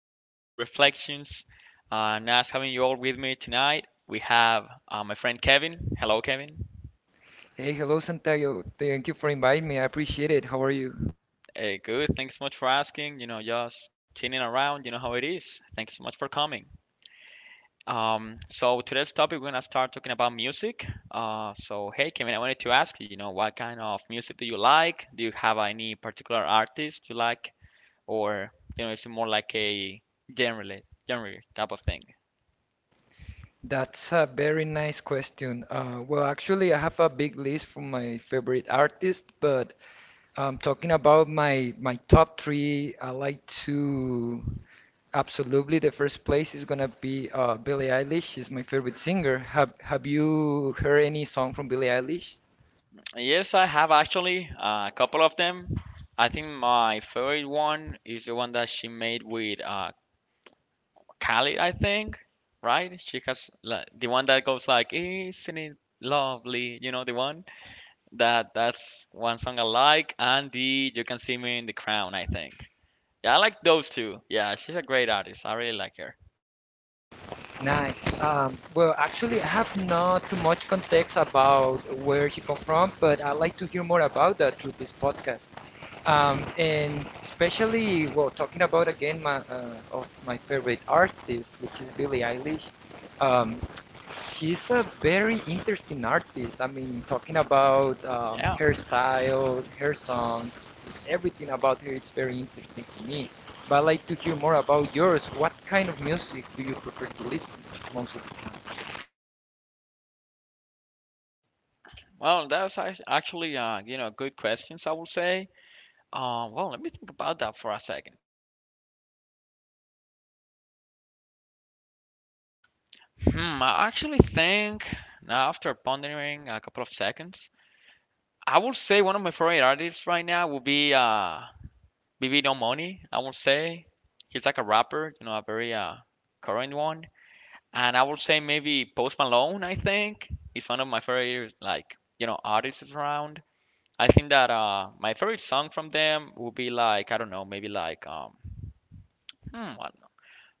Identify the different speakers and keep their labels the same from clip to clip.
Speaker 1: TP Reflections. Nice having you all with me tonight. We have my friend Kevin. Hello, Kevin.
Speaker 2: Hey, hello Santiago. Thank you for inviting me. I appreciate it. How are you?
Speaker 1: Hey, good. Thanks so much for asking. You know, just chilling around. You know how it is. Thanks so much for coming. So today's topic, we're gonna start talking about music. So hey, Kevin, I wanted to ask you, you know, what kind of music do you like? Do you have any particular artist you like, or you know, is it more like a general, genre type of thing?
Speaker 2: That's a very nice question. Well, actually, I have a big list for my favorite artist, but talking about my top three, I like to absolutely the first place is gonna be Billie Eilish. She's my favorite singer. Have you heard any song from Billie Eilish?
Speaker 1: Yes, I have actually a couple of them. I think my favorite one is the one that she made with Khalid, I think, right? She has like, the one that goes like, "Isn't it lovely?" You know, the one that's one song I like, and the "You Can See Me in the Crown," I think. Yeah, I like those two. Yeah, she's a great artist. I really like her.
Speaker 2: Nice. Well, actually, I have not too much context about where she come from, but I'd like to hear more about that through this podcast. And especially, well, talking about again my of my favorite artist, which is Billie Eilish. Um, He's a very interesting artist. I mean, talking about
Speaker 1: Yeah.
Speaker 2: her style, her songs, everything about her, it's very interesting to me. But I'd like to hear more about yours. What kind of music do you prefer to listen most of the time?
Speaker 1: Well, that was actually, you know, good questions, I would say. Well, let me think about that for a second. Hmm, I actually think now after pondering a couple of seconds, I would say one of my favorite artists right now would be BB No Money. I would say he's like a rapper, you know, a very current one. And I would say maybe Post Malone. I think he's one of my favorite like you know artists around. I think that my favorite song from them would be like I don't know maybe like um hmm, what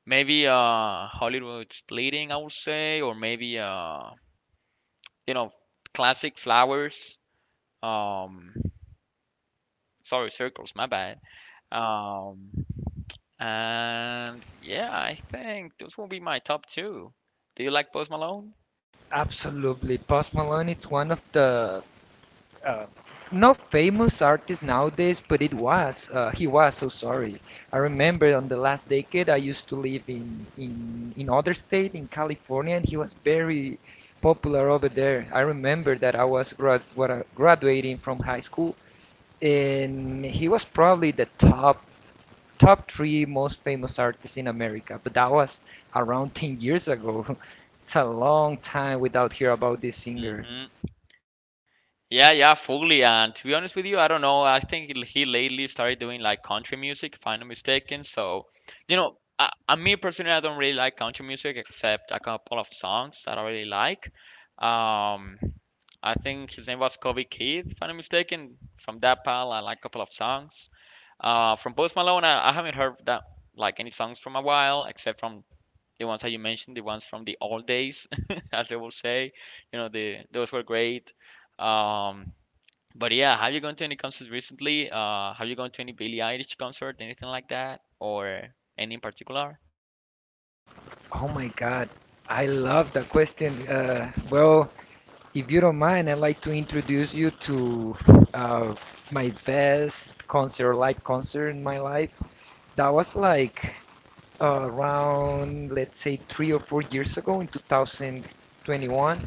Speaker 1: maybe Hollywood's Bleeding I would say or maybe you know, classic flowers. Um, Sorry, circles, my bad. Um, and yeah, I think those will be my top two. Do you like Post Malone?
Speaker 2: Absolutely. Post Malone, it's one of the Uh, no famous artist nowadays, but it was. He was so sorry. I remember on the last decade, I used to live in other state in California, and he was very popular over there. I remember that I was grad what, graduating from high school, and he was probably the top three most famous artists in America. But that was around 10 years ago. It's a long time without hear about this singer.
Speaker 1: Hmm. Yeah, yeah, fully. And to be honest with you, I don't know. I think he lately started doing like country music, if I'm not mistaken. So, you know, I me personally, I don't really like country music except a couple of songs that I really like. Um, I think his name was Kobe Keith, if I'm not mistaken. From that pal, I like a couple of songs. From Post Malone, I haven't heard that like any songs from a while, except from the ones that you mentioned, the ones from the old days, as they will say. You know, the those were great. Um, but yeah, have you gone to any concerts recently? Have you gone to any Billie Eilish concert, anything like that, or any in particular?
Speaker 2: Oh my God, I love that question. Well, if you don't mind, I'd like to introduce you to uh, my best concert, live concert in my life. That was like around, let's say, 3 or 4 years ago in 2021.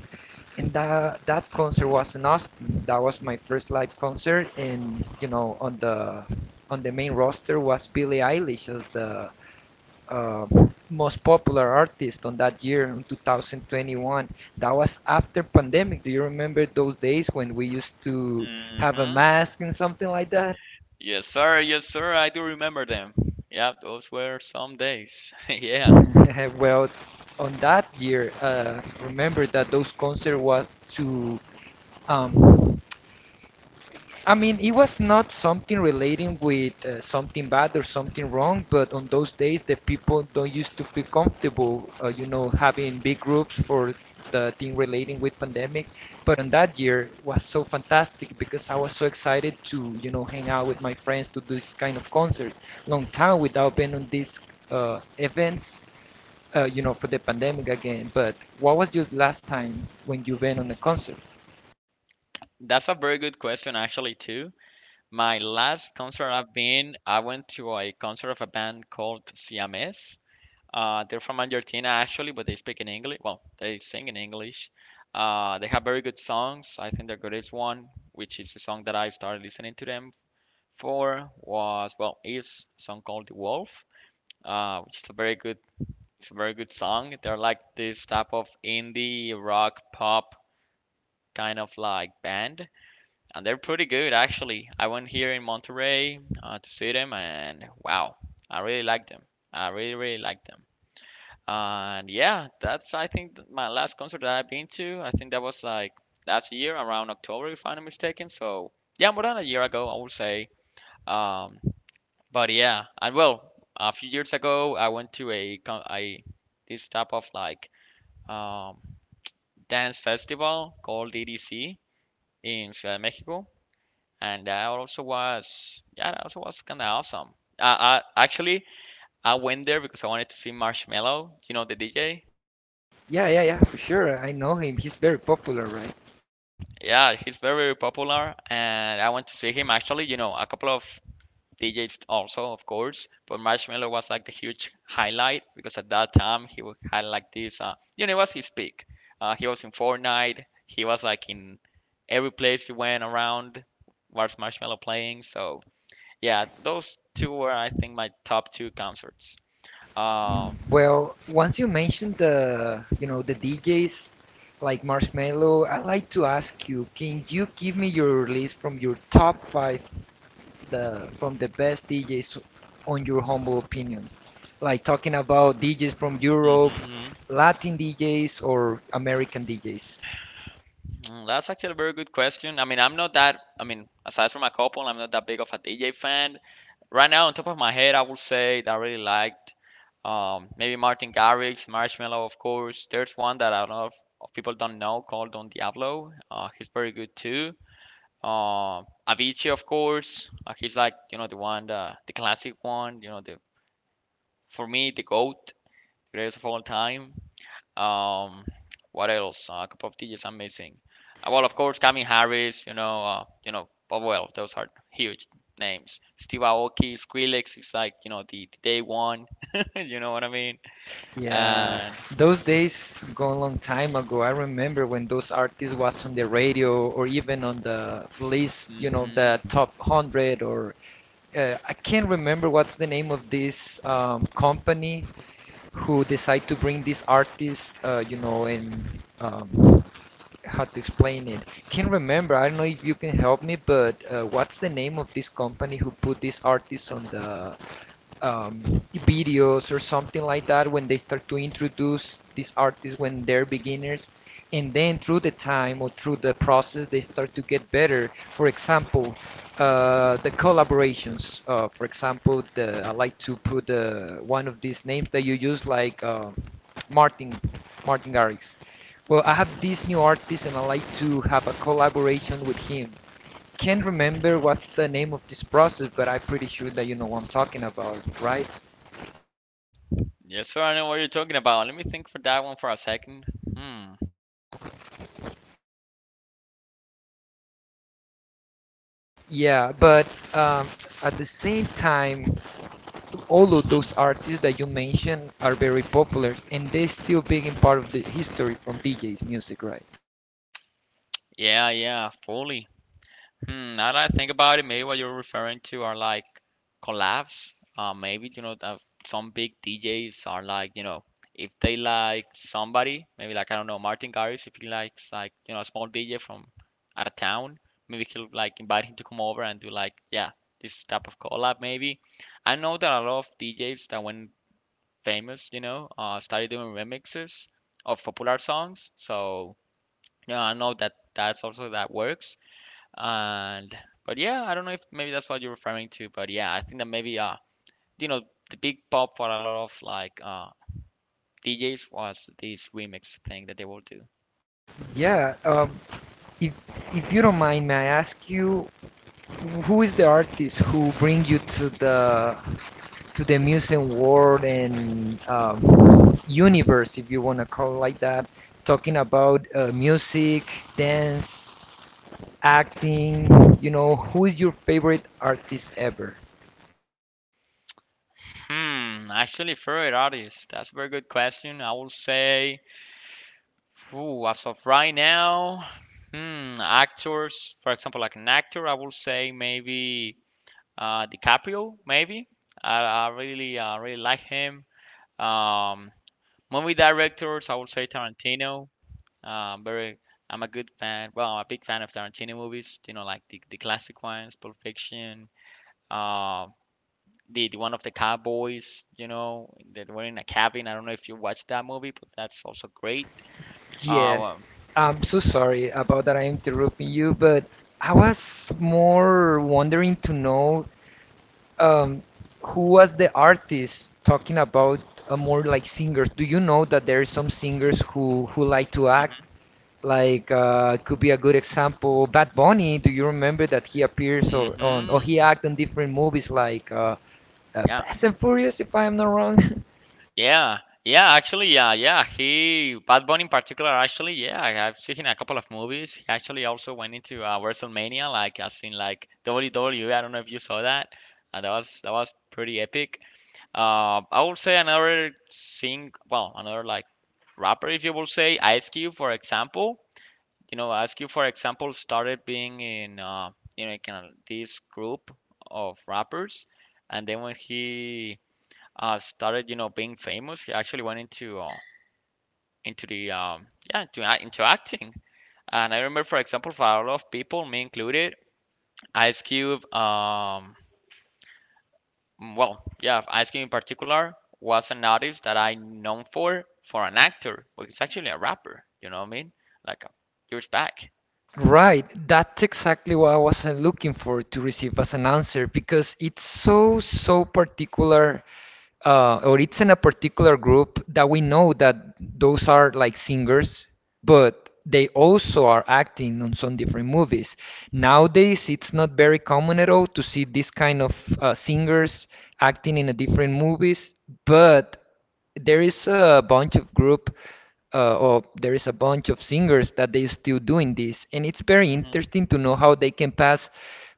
Speaker 2: And that concert was in Austin. That was my first live concert, and you know, on the main roster was Billie Eilish as the uh, most popular artist on that year in 2021. That was after pandemic. Do you remember those days when we used to have a
Speaker 1: Mm-hmm.
Speaker 2: mask and something like that?
Speaker 1: Yes, sir. Yes, sir. I do remember them. Yep, those were some days. Yeah,
Speaker 2: Well, on that year remember that those concert was to um, I mean, it was not something relating with something bad or something wrong, but on those days the people don't used to feel comfortable, you know, having big groups for the thing relating with pandemic. But on that year was so fantastic because I was so excited to, you know, hang out with my friends to do this kind of concert. Long time without being on these events, you know, for the pandemic again. But what was your last time when you been on a concert?
Speaker 1: that's a very good question, actually, too. My last concert I've been, I went to a concert of a band called Siamese. They're from Argentina actually, but they speak in English. Well, they sing in English. They have very good songs. I think their greatest one, which is the song that I started listening to them for, was well, is a song called "The Wolf," which is a very good, it's a very good song. They're like this type of indie rock pop kind of like band, and they're pretty good actually. I went here in Monterrey to see them, and wow, I really like them. I really really like them. And yeah, that's I think my last concert that I've been to. I think that was like last year around October, if I'm not mistaken. So yeah, more than a year ago, I would say. Um, but yeah, and well, a few years ago, I went to a con- I this type of um, dance festival called DDC in Ciudad de Mexico, and that also was yeah, that also was kind of awesome. I actually I went there because I wanted to see Marshmello, you know, the DJ.
Speaker 2: Yeah, yeah, yeah, for sure. I know him. He's very popular, right?
Speaker 1: Yeah, he's very popular, and I went to see him actually. You know, a couple of DJs also, of course, but Marshmello was like the huge highlight because at that time he had like this, you know, it was his peak. He was in Fortnite. He was like in every place he went around was Marshmello playing. So yeah, those two were I think my top two concerts. Um,
Speaker 2: Well, once you mentioned the, you know, the DJs like Marshmello, I'd like to ask you, can you give me your list from your top five the from the best DJs on your humble opinion? Like talking about DJs from Europe,
Speaker 1: mhm.
Speaker 2: Latin DJs or American DJs.
Speaker 1: Mm, that's actually a very good question. I mean, I'm not that, I mean, aside from a couple, I'm not that big of a DJ fan. Right now, on top of my head, I would say that I really liked maybe Martin Garrix, Marshmello, of course. There's one that of people don't know called Don Diablo. He's very good too. Uh, Avicii, of course. He's like, you know, the classic one, you know, the for me, the GOAT, greatest of all time. Um, what else? Cup of tea is amazing. Well, of course, Kami Harris. You know. But well, those are huge names. Steve Aoki, Skrillex is like you know the day one. You know what I mean?
Speaker 2: Yeah,
Speaker 1: And
Speaker 2: those days gone long time ago. I remember when those artists was on the radio or even on the list, you know, the
Speaker 1: mm-hmm.
Speaker 2: top 100 or I can't remember what's the name of this company who decide to bring this artist, you know, and um, how to explain it. Can't remember. I don't know if you can help me, but what's the name of this company who put this artist on the um, videos or something like that when they start to introduce these artists when they're beginners? And then through the time or through the process they start to get better. For example the collaborations, for example the I like to put one of these names that you use like martin martin garrix. Well, I have this new artist and I like to have a collaboration with him. Can't remember what's the name of this process but I'm pretty sure that you know what I'm talking about, right?
Speaker 1: Yes, sir. I know what you're talking about. Let me think for that one for a second. Hmm.
Speaker 2: Yeah, but um, at the same time all of those
Speaker 1: Mm-hmm.
Speaker 2: artists that you mentioned are very popular and they're still being part of the history from DJ's music, right?
Speaker 1: Yeah, yeah, fully. Hmm, now that I think about it, maybe what you're referring to are like collabs. Maybe you know that some big DJs are like you know if they like somebody, maybe like I don't know Martin Garrix if he likes like you know a small DJ from out of town, maybe he'll like invite him to come over and do like yeah this type of collab maybe. I know that a lot of DJs that went famous, you know, started doing remixes of popular songs. So you know I know that that's also that works and but yeah, I don't know if maybe that's what you're referring to, but yeah, I think that maybe you know the big pop for a lot of DJs was this remix thing that they will do.
Speaker 2: Yeah. If if you don't mind, may I ask you who is the artist who bring you to the music world and universe, if you want to call it like that, talking about music, dance, acting, you know, who is your favorite artist ever?
Speaker 1: Hmm, actually favorite artist. That's a very good question. I will say ooh, as of right now, hmm, actors, for example, like an actor, I will say maybe DiCaprio, maybe. I really really like him. Um, movie directors, I will say Tarantino. Um, very, I'm a good fan. Well, I'm a big fan of Tarantino movies. You know, like the classic ones, Pulp Fiction. Uh, the one of the cowboys. You know, that were in a cabin. I don't know if you watched that movie, but that's also great. Uh,
Speaker 2: Yes, I'm so sorry about that. I'm interrupting you, but I was more wondering to know um, who was the artist talking about more like singers. Do you know that there are some singers who like to act?
Speaker 1: hmm.
Speaker 2: Like could be a good example, Bad Bunny. Do you remember that he appears or, on or he
Speaker 1: Hmm.
Speaker 2: acted in different movies like
Speaker 1: Yeah.
Speaker 2: Fast and Furious, if I am not wrong?
Speaker 1: Yeah, yeah, actually, yeah, yeah. He, Bad Bunny in particular, actually, yeah, I've seen a couple of movies. He actually also went into WrestleMania, like as in like WWE. I don't know if you saw that. That was that was pretty epic. I would say another sing, well, another like rapper, if you will say, Ice Cube, for example. You know, Ice Cube, for example, started being in, you know, kind of this group of rappers, and then when he started, you know, being famous, he actually went into the yeah, into into acting. And I remember, for example, for a lot of people, me included, Ice Cube. Mm, well, yeah, Ice Cube in particular was an artist that I known for an actor, but it's actually a rapper. You know what I mean? Like years back.
Speaker 2: Right, that's exactly what I was looking for to receive as an answer because it's so, so particular, or it's in a particular group that we know that those are like singers, but they also are acting on some different movies. Nowadays, it's not very common at all to see this kind of singers acting in a different movies, but there is a bunch of group or there is a bunch of singers that they still doing this and it's very
Speaker 1: Hmm.
Speaker 2: interesting to know how they can pass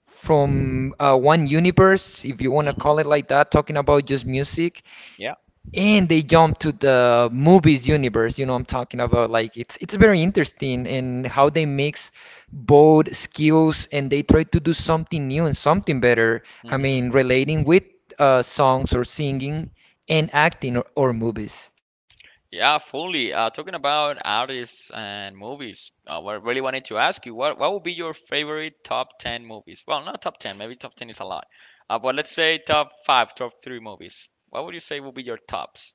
Speaker 2: from one universe if you want to
Speaker 1: Hmm.
Speaker 2: call it like that, talking about just music,
Speaker 1: Yeah.
Speaker 2: and they jump to the movies universe. You know, I'm talking about, like, it's very interesting and how they mix both skills and they try to do something new and something better. I mean
Speaker 1: Hmm.
Speaker 2: relating with songs or singing and acting or movies.
Speaker 1: Yeah, fully. Talking about artists and movies, what I really wanted to ask you, what would be your favorite top 10 movies? Well, not top 10, maybe top 10 is a lot. But let's say top 5, top 3 movies. What would you say would be your tops?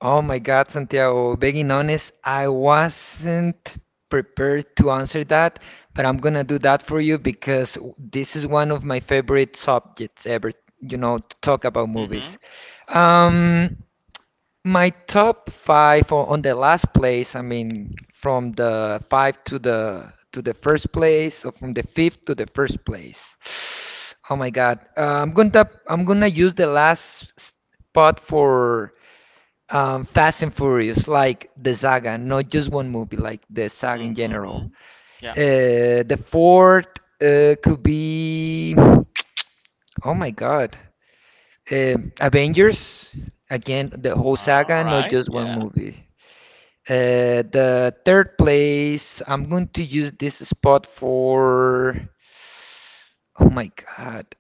Speaker 2: Oh my God, Santiago, being honest, I wasn't prepared to answer that, but I'm gonna do that for you because w- this is one of my favorite subjects ever, you know, to talk about
Speaker 1: Mm-hmm.
Speaker 2: movies. Um, my top five o- on the last place, I mean, from the five to the first place, or from the fifth to the first place. Oh my God, I'm gonna use the last spot for Fast and Furious, like the saga, not just one movie, like the saga in general.
Speaker 1: Mm-hmm. Yeah.
Speaker 2: The fourth could be, oh my God, uh, Avengers. Again, the whole
Speaker 1: Uh, all
Speaker 2: saga, not
Speaker 1: right.
Speaker 2: just one
Speaker 1: Yeah.
Speaker 2: movie. The third place, I'm going to use this spot for, oh my God,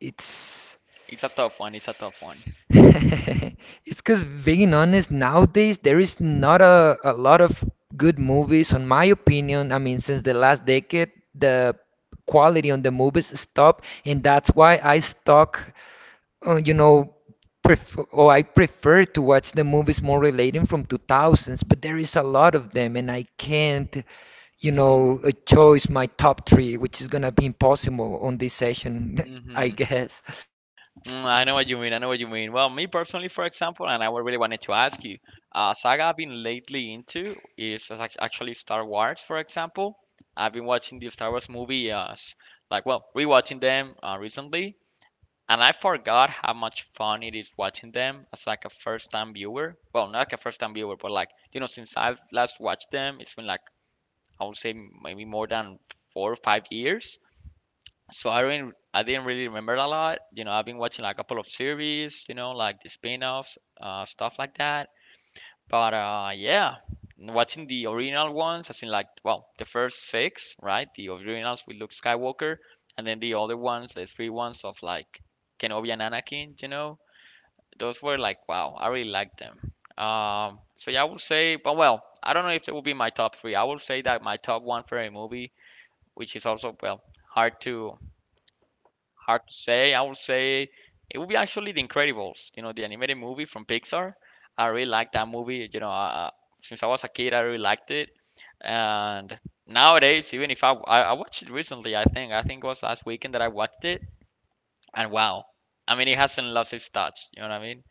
Speaker 2: it's
Speaker 1: It's a tough one. It's a tough one.
Speaker 2: it's because being honest, nowadays there is not a lot of good movies, on my opinion. I mean, since the last decade, the quality on the movies stopped, and that's why I stuck, you know, pref or I prefer to watch the movies more relating from 2000s, but there is a lot of them, and I can't, you
Speaker 1: Hmm.
Speaker 2: know, choose my top three, which is gonna be impossible on this session, I
Speaker 1: Hmm.
Speaker 2: guess.
Speaker 1: Mm, I know what you mean. I know what you mean. Well, me personally, for example, and I really wanted to ask you, saga I've been lately into is as actually Star Wars, for example. I've been watching the Star Wars movies, like, well, rewatching them recently, and I forgot how much fun it is watching them as like a first-time viewer. Well, not like a first-time viewer, but like, you know, since I've last watched them, it's been like, I would say maybe more than 4 or 5 years. So I didn't really remember a lot. You know, I've been watching like a couple of series, you know, like the spin-offs, stuff like that. But yeah, watching the original ones, I think like well, the first 6, right? The originals with Luke Skywalker, and then the other ones, the three ones of like Kenobi and Anakin. You know, those were like wow, I really liked them. So yeah, I would say, but well, I don't know if it will be my top three. I will say that my top one for a movie, which is also well hard to hard to say. I would say it would be actually The Incredibles, you know, the animated movie from Pixar. I really liked that movie. You know, since I was a kid, I really liked it. And nowadays, even if I watched it recently, I think it was last weekend that I watched it, and wow, I mean, it hasn't lost its touch. You know what I mean?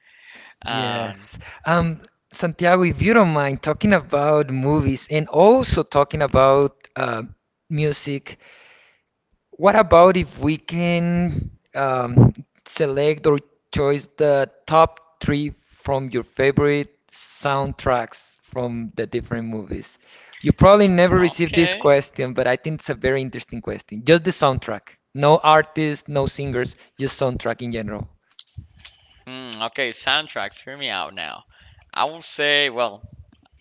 Speaker 1: And
Speaker 2: Yes. Um, Santiago, if you don't mind talking about movies and also talking about music, what about if we can select or choose the top three from your favorite soundtracks from the different movies? You probably never received this
Speaker 1: okay,
Speaker 2: question, but I think it's a very interesting question. Just the soundtrack. No artists, no singers, just soundtrack in general.
Speaker 1: Okay, soundtracks. Hear me out now. I will say, well,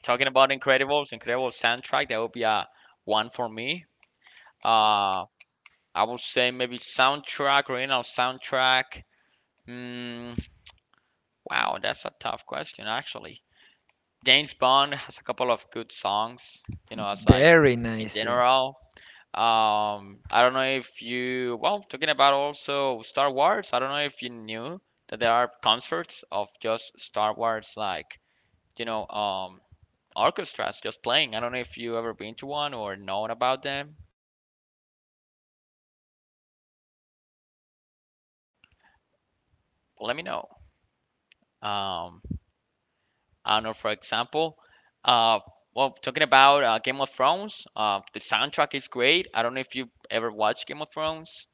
Speaker 1: talking about Incredibles, Incredibles soundtrack, that would be a one for me. Uh, I would say maybe soundtrack, original soundtrack. Mm, wow, that's a tough question actually. James Bond has a couple of good songs, you know, as like
Speaker 2: Very
Speaker 1: in
Speaker 2: nice, yeah.
Speaker 1: general. I don't know if you, well, talking about also Star Wars, I don't know if you knew that there are concerts of just Star Wars, like, you know, orchestras just playing. I don't know if you ever been to one or known about them. Let me know. Um, I don't know, for example, uh, well, talking about Game of Thrones, the soundtrack is great. I don't know if you ever watched Game of Thrones.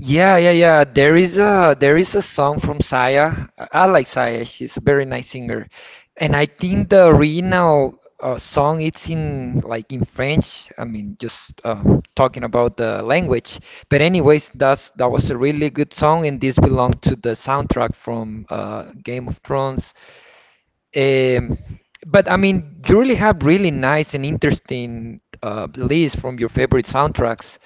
Speaker 2: Yeah, yeah, yeah. There is a song from Saya. I like Saya. She's a very nice singer, and I think the original song it's in like in French. I mean, just talking about the language. But anyways, that's that was a really good song, and this belonged to the soundtrack from Game of Thrones. Um, but I mean, you really have really nice and interesting lists from your favorite soundtracks.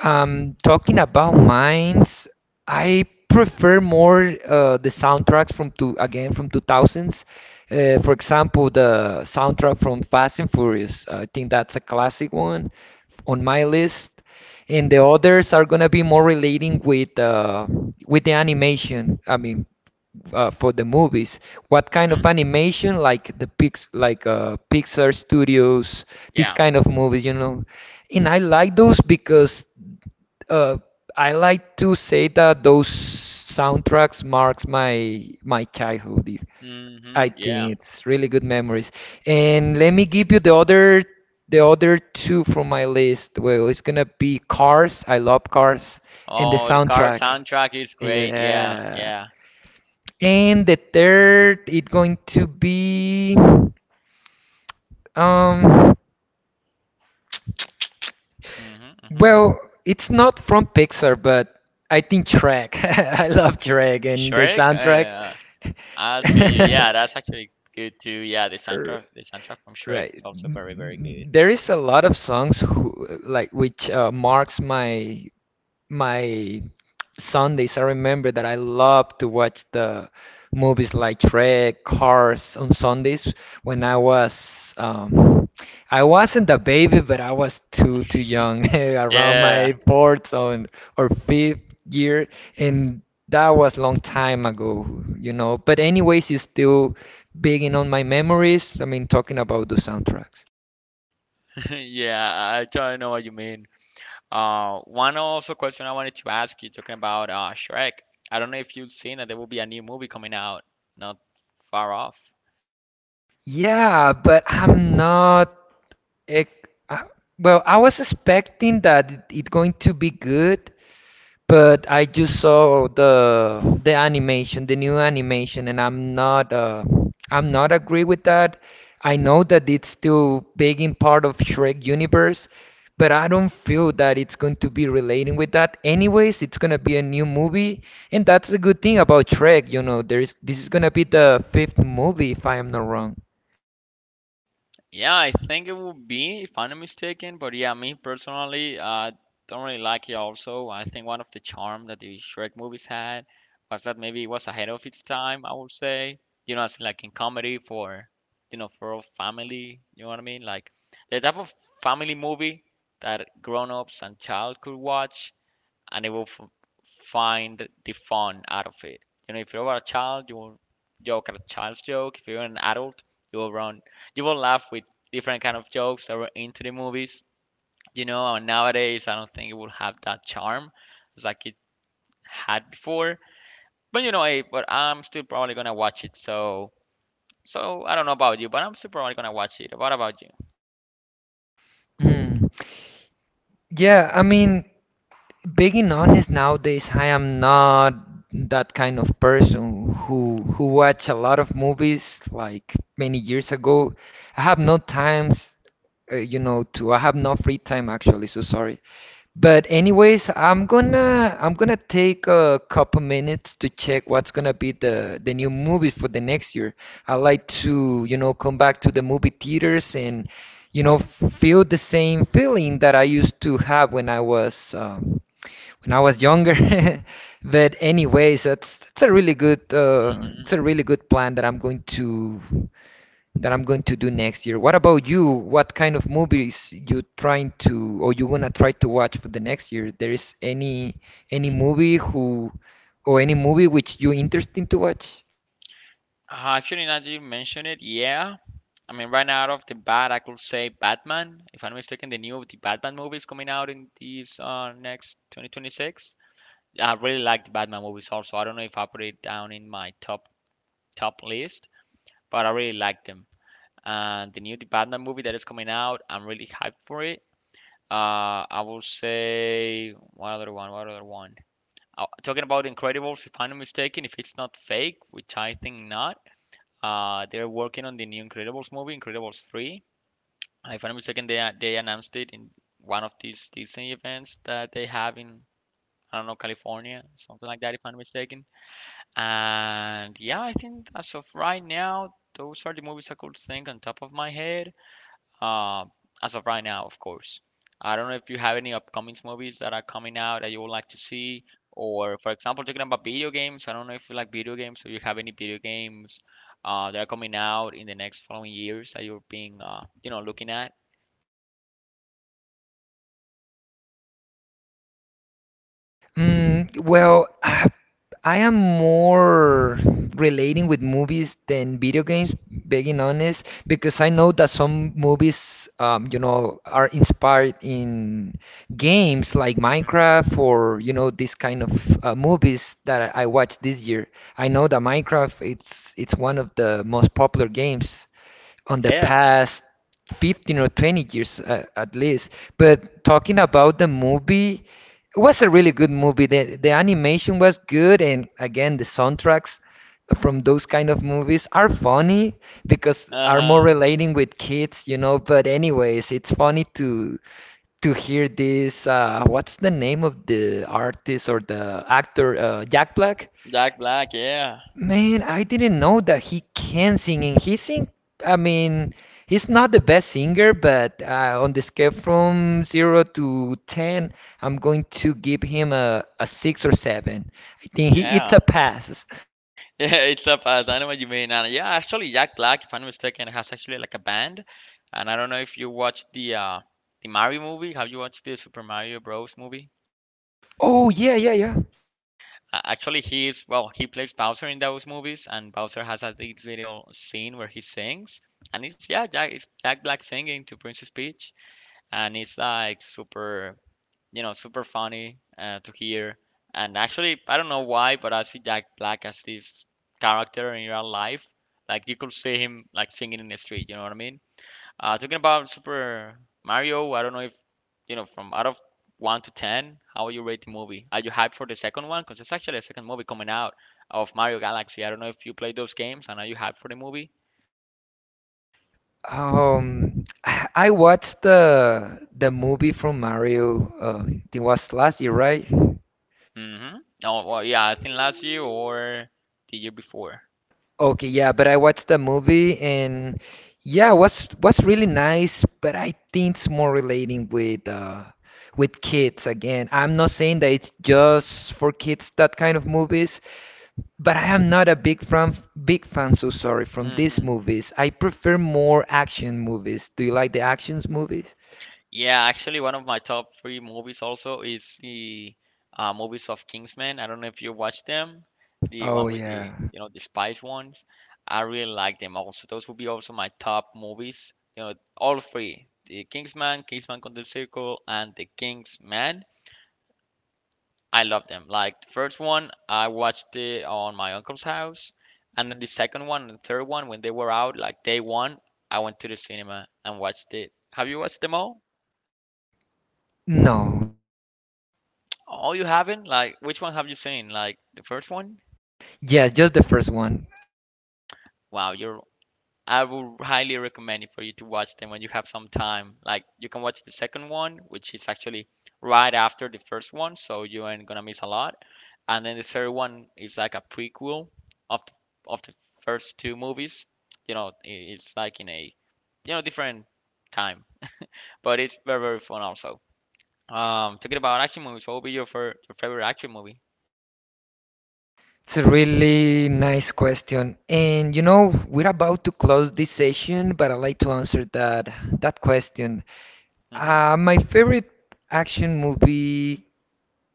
Speaker 2: Talking about mines, I prefer more the soundtracks from two again from 2000s. For example, the soundtrack from Fast and Furious. I think that's a classic one on my list. And the others are gonna be more relating with the animation. I mean, for the movies. What kind of
Speaker 1: hmm
Speaker 2: animation, like the pix, like Pixar Studios, this
Speaker 1: Yeah.
Speaker 2: kind of movies, you know. And I like those because uh, I like to say that those soundtracks marks my childhood. It- I
Speaker 1: Yeah.
Speaker 2: think it's really good memories. And let me give you the other two from my list. Well, it's gonna be Cars. I love Cars and the
Speaker 1: Oh, the card
Speaker 2: soundtrack.
Speaker 1: soundtrack is great. Yeah.
Speaker 2: Yeah.
Speaker 1: Yeah.
Speaker 2: And the third, it's going to be um
Speaker 1: hmm hmm
Speaker 2: well, it's not from Pixar, but I think Shrek. I love Shrek and the
Speaker 1: Shrek.
Speaker 2: soundtrack.
Speaker 1: I see you. Yeah, that's actually good too. Yeah,
Speaker 2: R-
Speaker 1: the soundtrack from Shrek is
Speaker 2: Right.
Speaker 1: also very, very good.
Speaker 2: There is a lot of songs who like which marks my Sundays. I remember that I loved to watch the movies like Shrek, Cars on Sundays when I was I wasn't a baby, but I was too young, around
Speaker 1: Yeah.
Speaker 2: my fourth or fifth year, and that was long time ago. But anyways, it's still being on my memories. I mean, talking about the soundtracks.
Speaker 1: Yeah. I totally know what you mean. One also question I wanted to ask you, talking about Shrek. I don't know if you've seen that there will be a new movie coming out, not far off.
Speaker 2: Yeah, but I'm not. It, I, well, I was expecting that it going to be good, but I just saw the animation, the new animation, and I'm not agree with that. I know that it's still big in part of Shrek universe, but I don't feel that it's going to be relating with that. Anyways, it's gonna be a new movie, and that's the good thing about Shrek. You know, there is this is gonna be the fifth movie if I am not wrong.
Speaker 1: Yeah, I think it will be, if I'm not mistaken. But yeah, me personally, don't really like it. Also, I think one of the charm that the Shrek movies had was that maybe it was ahead of its time. I would say, you know, as like in comedy for, you know, for all family. You know what I mean? Like the type of family movie that grown-ups and child could watch and they will find the fun out of it. You know, if you're a child, you will joke at a child's joke. If you're an adult, you will run, you will laugh with different kind of jokes that were into the movies. You know, and nowadays I don't think it will have that charm as like it had before. But you know, hey, but I'm still probably gonna watch it. So I don't know about you, but I'm still probably gonna watch it. What about you?
Speaker 2: Mm. Yeah, I mean, being honest, nowadays I am not that kind of person who watch a lot of movies like many years ago. I have no times. You know to I have no free time actually, so sorry. But anyways, I'm gonna take a couple minutes to check what's gonna be the new movies for the next year. I like to come back to the movie theaters and you know feel the same feeling that I used to have when I was younger. But anyways, that's it's a really good
Speaker 1: hmm
Speaker 2: plan that I'm going to do next year. What about you? What kind of movies you trying to or you gonna try to watch for the next year? There is any
Speaker 1: Uh,
Speaker 2: movie who or any movie which you interesting to watch?
Speaker 1: Actually, now that you mention it, yeah, I mean, right out of the bat, I could say Batman. If I'm not mistaken, the Batman movie is coming out in this next 2026. I really like the Batman movies also. I don't know if I put it down in my top list, but I really like them. And the Batman movie that is coming out, I'm really hyped for it. I will say one other one. Talking about Incredibles, if I'm not mistaken, if it's not fake, which I think not, they're working on the new Incredibles movie, Incredibles 3. If I'm not mistaken, they announced it in one of these Disney events that they have in I don't know California, something like that, if I'm not mistaken. And yeah, I think as of right now, those are the movies I could think on top of my head. Uh, as of right now, of course. I don't know if you have any upcoming movies that are coming out that you would like to see, or for example, talking about video games. I don't know if you like video games, or you have any video games that are coming out in the next following years that you're being you know looking at.
Speaker 2: Well, I am more relating with movies than video games, being honest, because I know that some movies, you know, are inspired in games like
Speaker 1: hmm
Speaker 2: Minecraft or, you know, this kind of movies that I watched this year. I know that Minecraft it's one of the most popular games on the
Speaker 1: Yeah.
Speaker 2: past 15 or 20 years, at least. But talking about the movie, it was a really good movie. The animation was good, and again, the soundtracks from those kind of movies are funny because are more
Speaker 1: Uh-huh.
Speaker 2: relating with kids, you know. But anyways, it's funny to hear this. What's the name of the artist or the actor? Jack Black.
Speaker 1: Jack Black, yeah.
Speaker 2: Man, I didn't know that he can sing, and he sing. I mean, he's not the best singer, but on the scale from zero to ten, I'm going to give him a six or seven. I think it's
Speaker 1: Yeah.
Speaker 2: a pass.
Speaker 1: Yeah, it's up as I know what you mean. And yeah, actually Jack Black, if I'm not mistaken, has actually like a band. And I don't know if you watched the Mario movie. Have you watched the Super Mario Bros. Movie?
Speaker 2: Oh yeah, yeah, yeah.
Speaker 1: Actually he is well, he plays Bowser in those movies and Bowser has a this little scene where he sings. And it's yeah, Jack Black singing to Princess Peach and it's like super you know, super funny to hear. And actually, I don't know why, but I see Jack Black as this character in real life. Like you could see him like singing in the street. You know what I mean? Talking about Super Mario, I don't know if you know from out of one to ten, how would you rate the movie? Are you hyped for the second one? Because it's actually a second movie coming out of Mario Galaxy. I don't know if you played those games and are you hyped for the movie?
Speaker 2: I watched the movie from Mario. It was last year, right?
Speaker 1: Mm-hmm. Oh well, yeah, I think last year or the year before.
Speaker 2: Okay, yeah, but I watched the movie, and yeah, what's really nice, but I think it's more relating with kids again. I'm not saying that it's just for kids that kind of movies, but I am not a big fan, so sorry, from these
Speaker 1: hmm
Speaker 2: movies. I prefer more action movies. Do you like the actions movies?
Speaker 1: Yeah, actually, one of my top three movies also is the movies of Kingsman. I don't know if you watched them, the
Speaker 2: Oh
Speaker 1: one with the
Speaker 2: yeah.
Speaker 1: you know the spice ones. I really like them also. Those would be also my top movies. You know, all three: the Kingsman, Kingsman Contra el Circo, and the Kingsman. I love them. Like the first one, I watched it on my uncle's house, and then the second one and the third one when they were out, like day one, I went to the cinema and watched it. Have you watched them all?
Speaker 2: No.
Speaker 1: Oh, you haven't? Like, which one have you seen? Like the first one?
Speaker 2: Yeah, just the first one.
Speaker 1: Wow, you're. I would highly recommend it for you to watch them when you have some time. Like, you can watch the second one, which is actually right after the first one, so you ain't gonna miss a lot. And then the third one is like a prequel of the first two movies. You know, it's like in a you know different time, but it's very very fun also. Talking about action movies, what would be your your favorite action movie?
Speaker 2: It's a really nice question. And we're about to close this session, but I'd like to answer that question.
Speaker 1: Mhm.
Speaker 2: My favorite action movie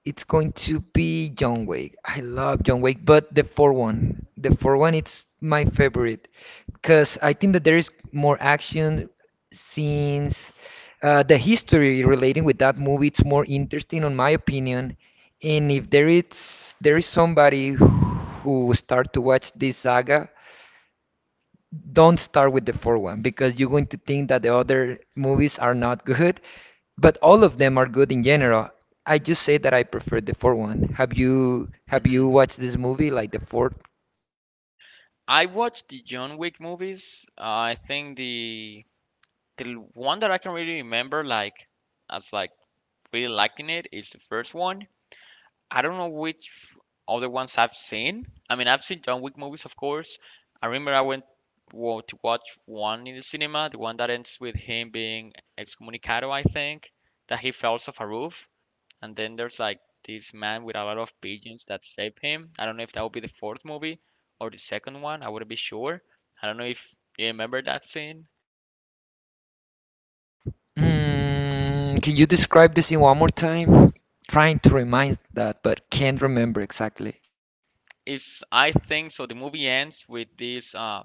Speaker 2: it's going to be John Wick. I love John Wick, but the fourth one, it's my favorite because I think that there is more action scenes. The history relating with that movie, it's more interesting, on my opinion. And if there is somebody who start to watch this saga, don't start with the fourth one because you're going to think that the other movies are not good, but all of them are good in general. I just say that I prefer the fourth one. Have you
Speaker 1: hmm
Speaker 2: watched this movie like the fourth?
Speaker 1: I watched the John Wick movies. I think the one that I can really remember, like as like really liking it, is the first one. I don't know which other ones I've seen. I mean, I've seen John Wick movies, of course. I remember I went to watch one in the cinema, the one that ends with him being excommunicado, I think, that he falls off a roof. And then there's like this man with a lot of pigeons that save him. I don't know if that would be the fourth movie or the second one. I wouldn't be sure. I don't know if you remember that scene.
Speaker 2: Can you describe this in one more time? Trying to remind that, but can't remember exactly.
Speaker 1: It's I think so. The movie ends with this uh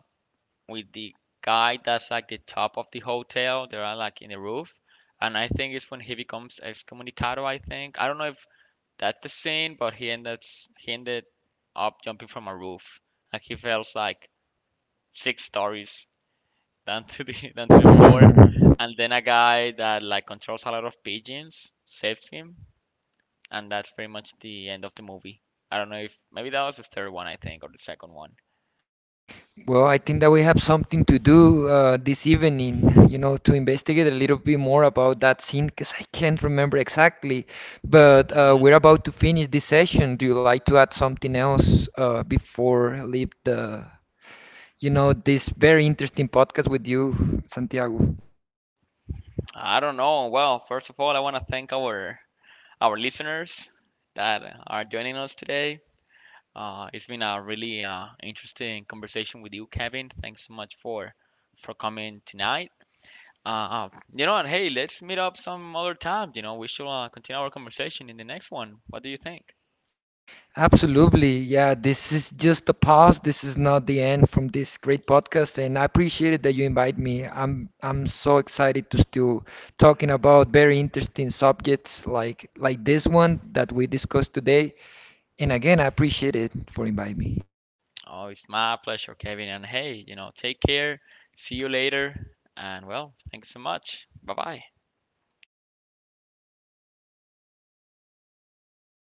Speaker 1: with the guy that's like the top of the hotel. They're like in the roof, and I think it's when he becomes excommunicado. I think I don't know if that's the scene, but he ended up jumping from a roof. Like he falls like 6 stories down to the down to the floor, and then a guy that like controls a lot of pigeons saves him, and that's pretty much the end of the movie. I don't know if maybe that was the third one I think or the second one.
Speaker 2: Well, I think that we have something to do this evening, you know, to investigate a little bit more about that scene because I can't remember exactly. But
Speaker 1: hmm
Speaker 2: we're about to finish this session. Do you like to add something else before I leave this very interesting podcast with you, Santiago?
Speaker 1: I don't know. Well, first of all, I want to thank our listeners that are joining us today. It's been a really interesting conversation with you, Kevin. Thanks so much for coming tonight. Uh, uh, you know and hey, let's meet up some other time. You know, we should continue our conversation in the next one. What do you think?
Speaker 2: Absolutely. Yeah, this is just the pause. This is not the end from this great podcast, and I appreciate it that you invite me. I'm so excited to still talking about very interesting subjects like this one that we discussed today. And again, I appreciate it for inviting me.
Speaker 1: Oh, it's my pleasure, Kevin. And hey, you know, take care. See you later. And well, thanks so much. Bye bye.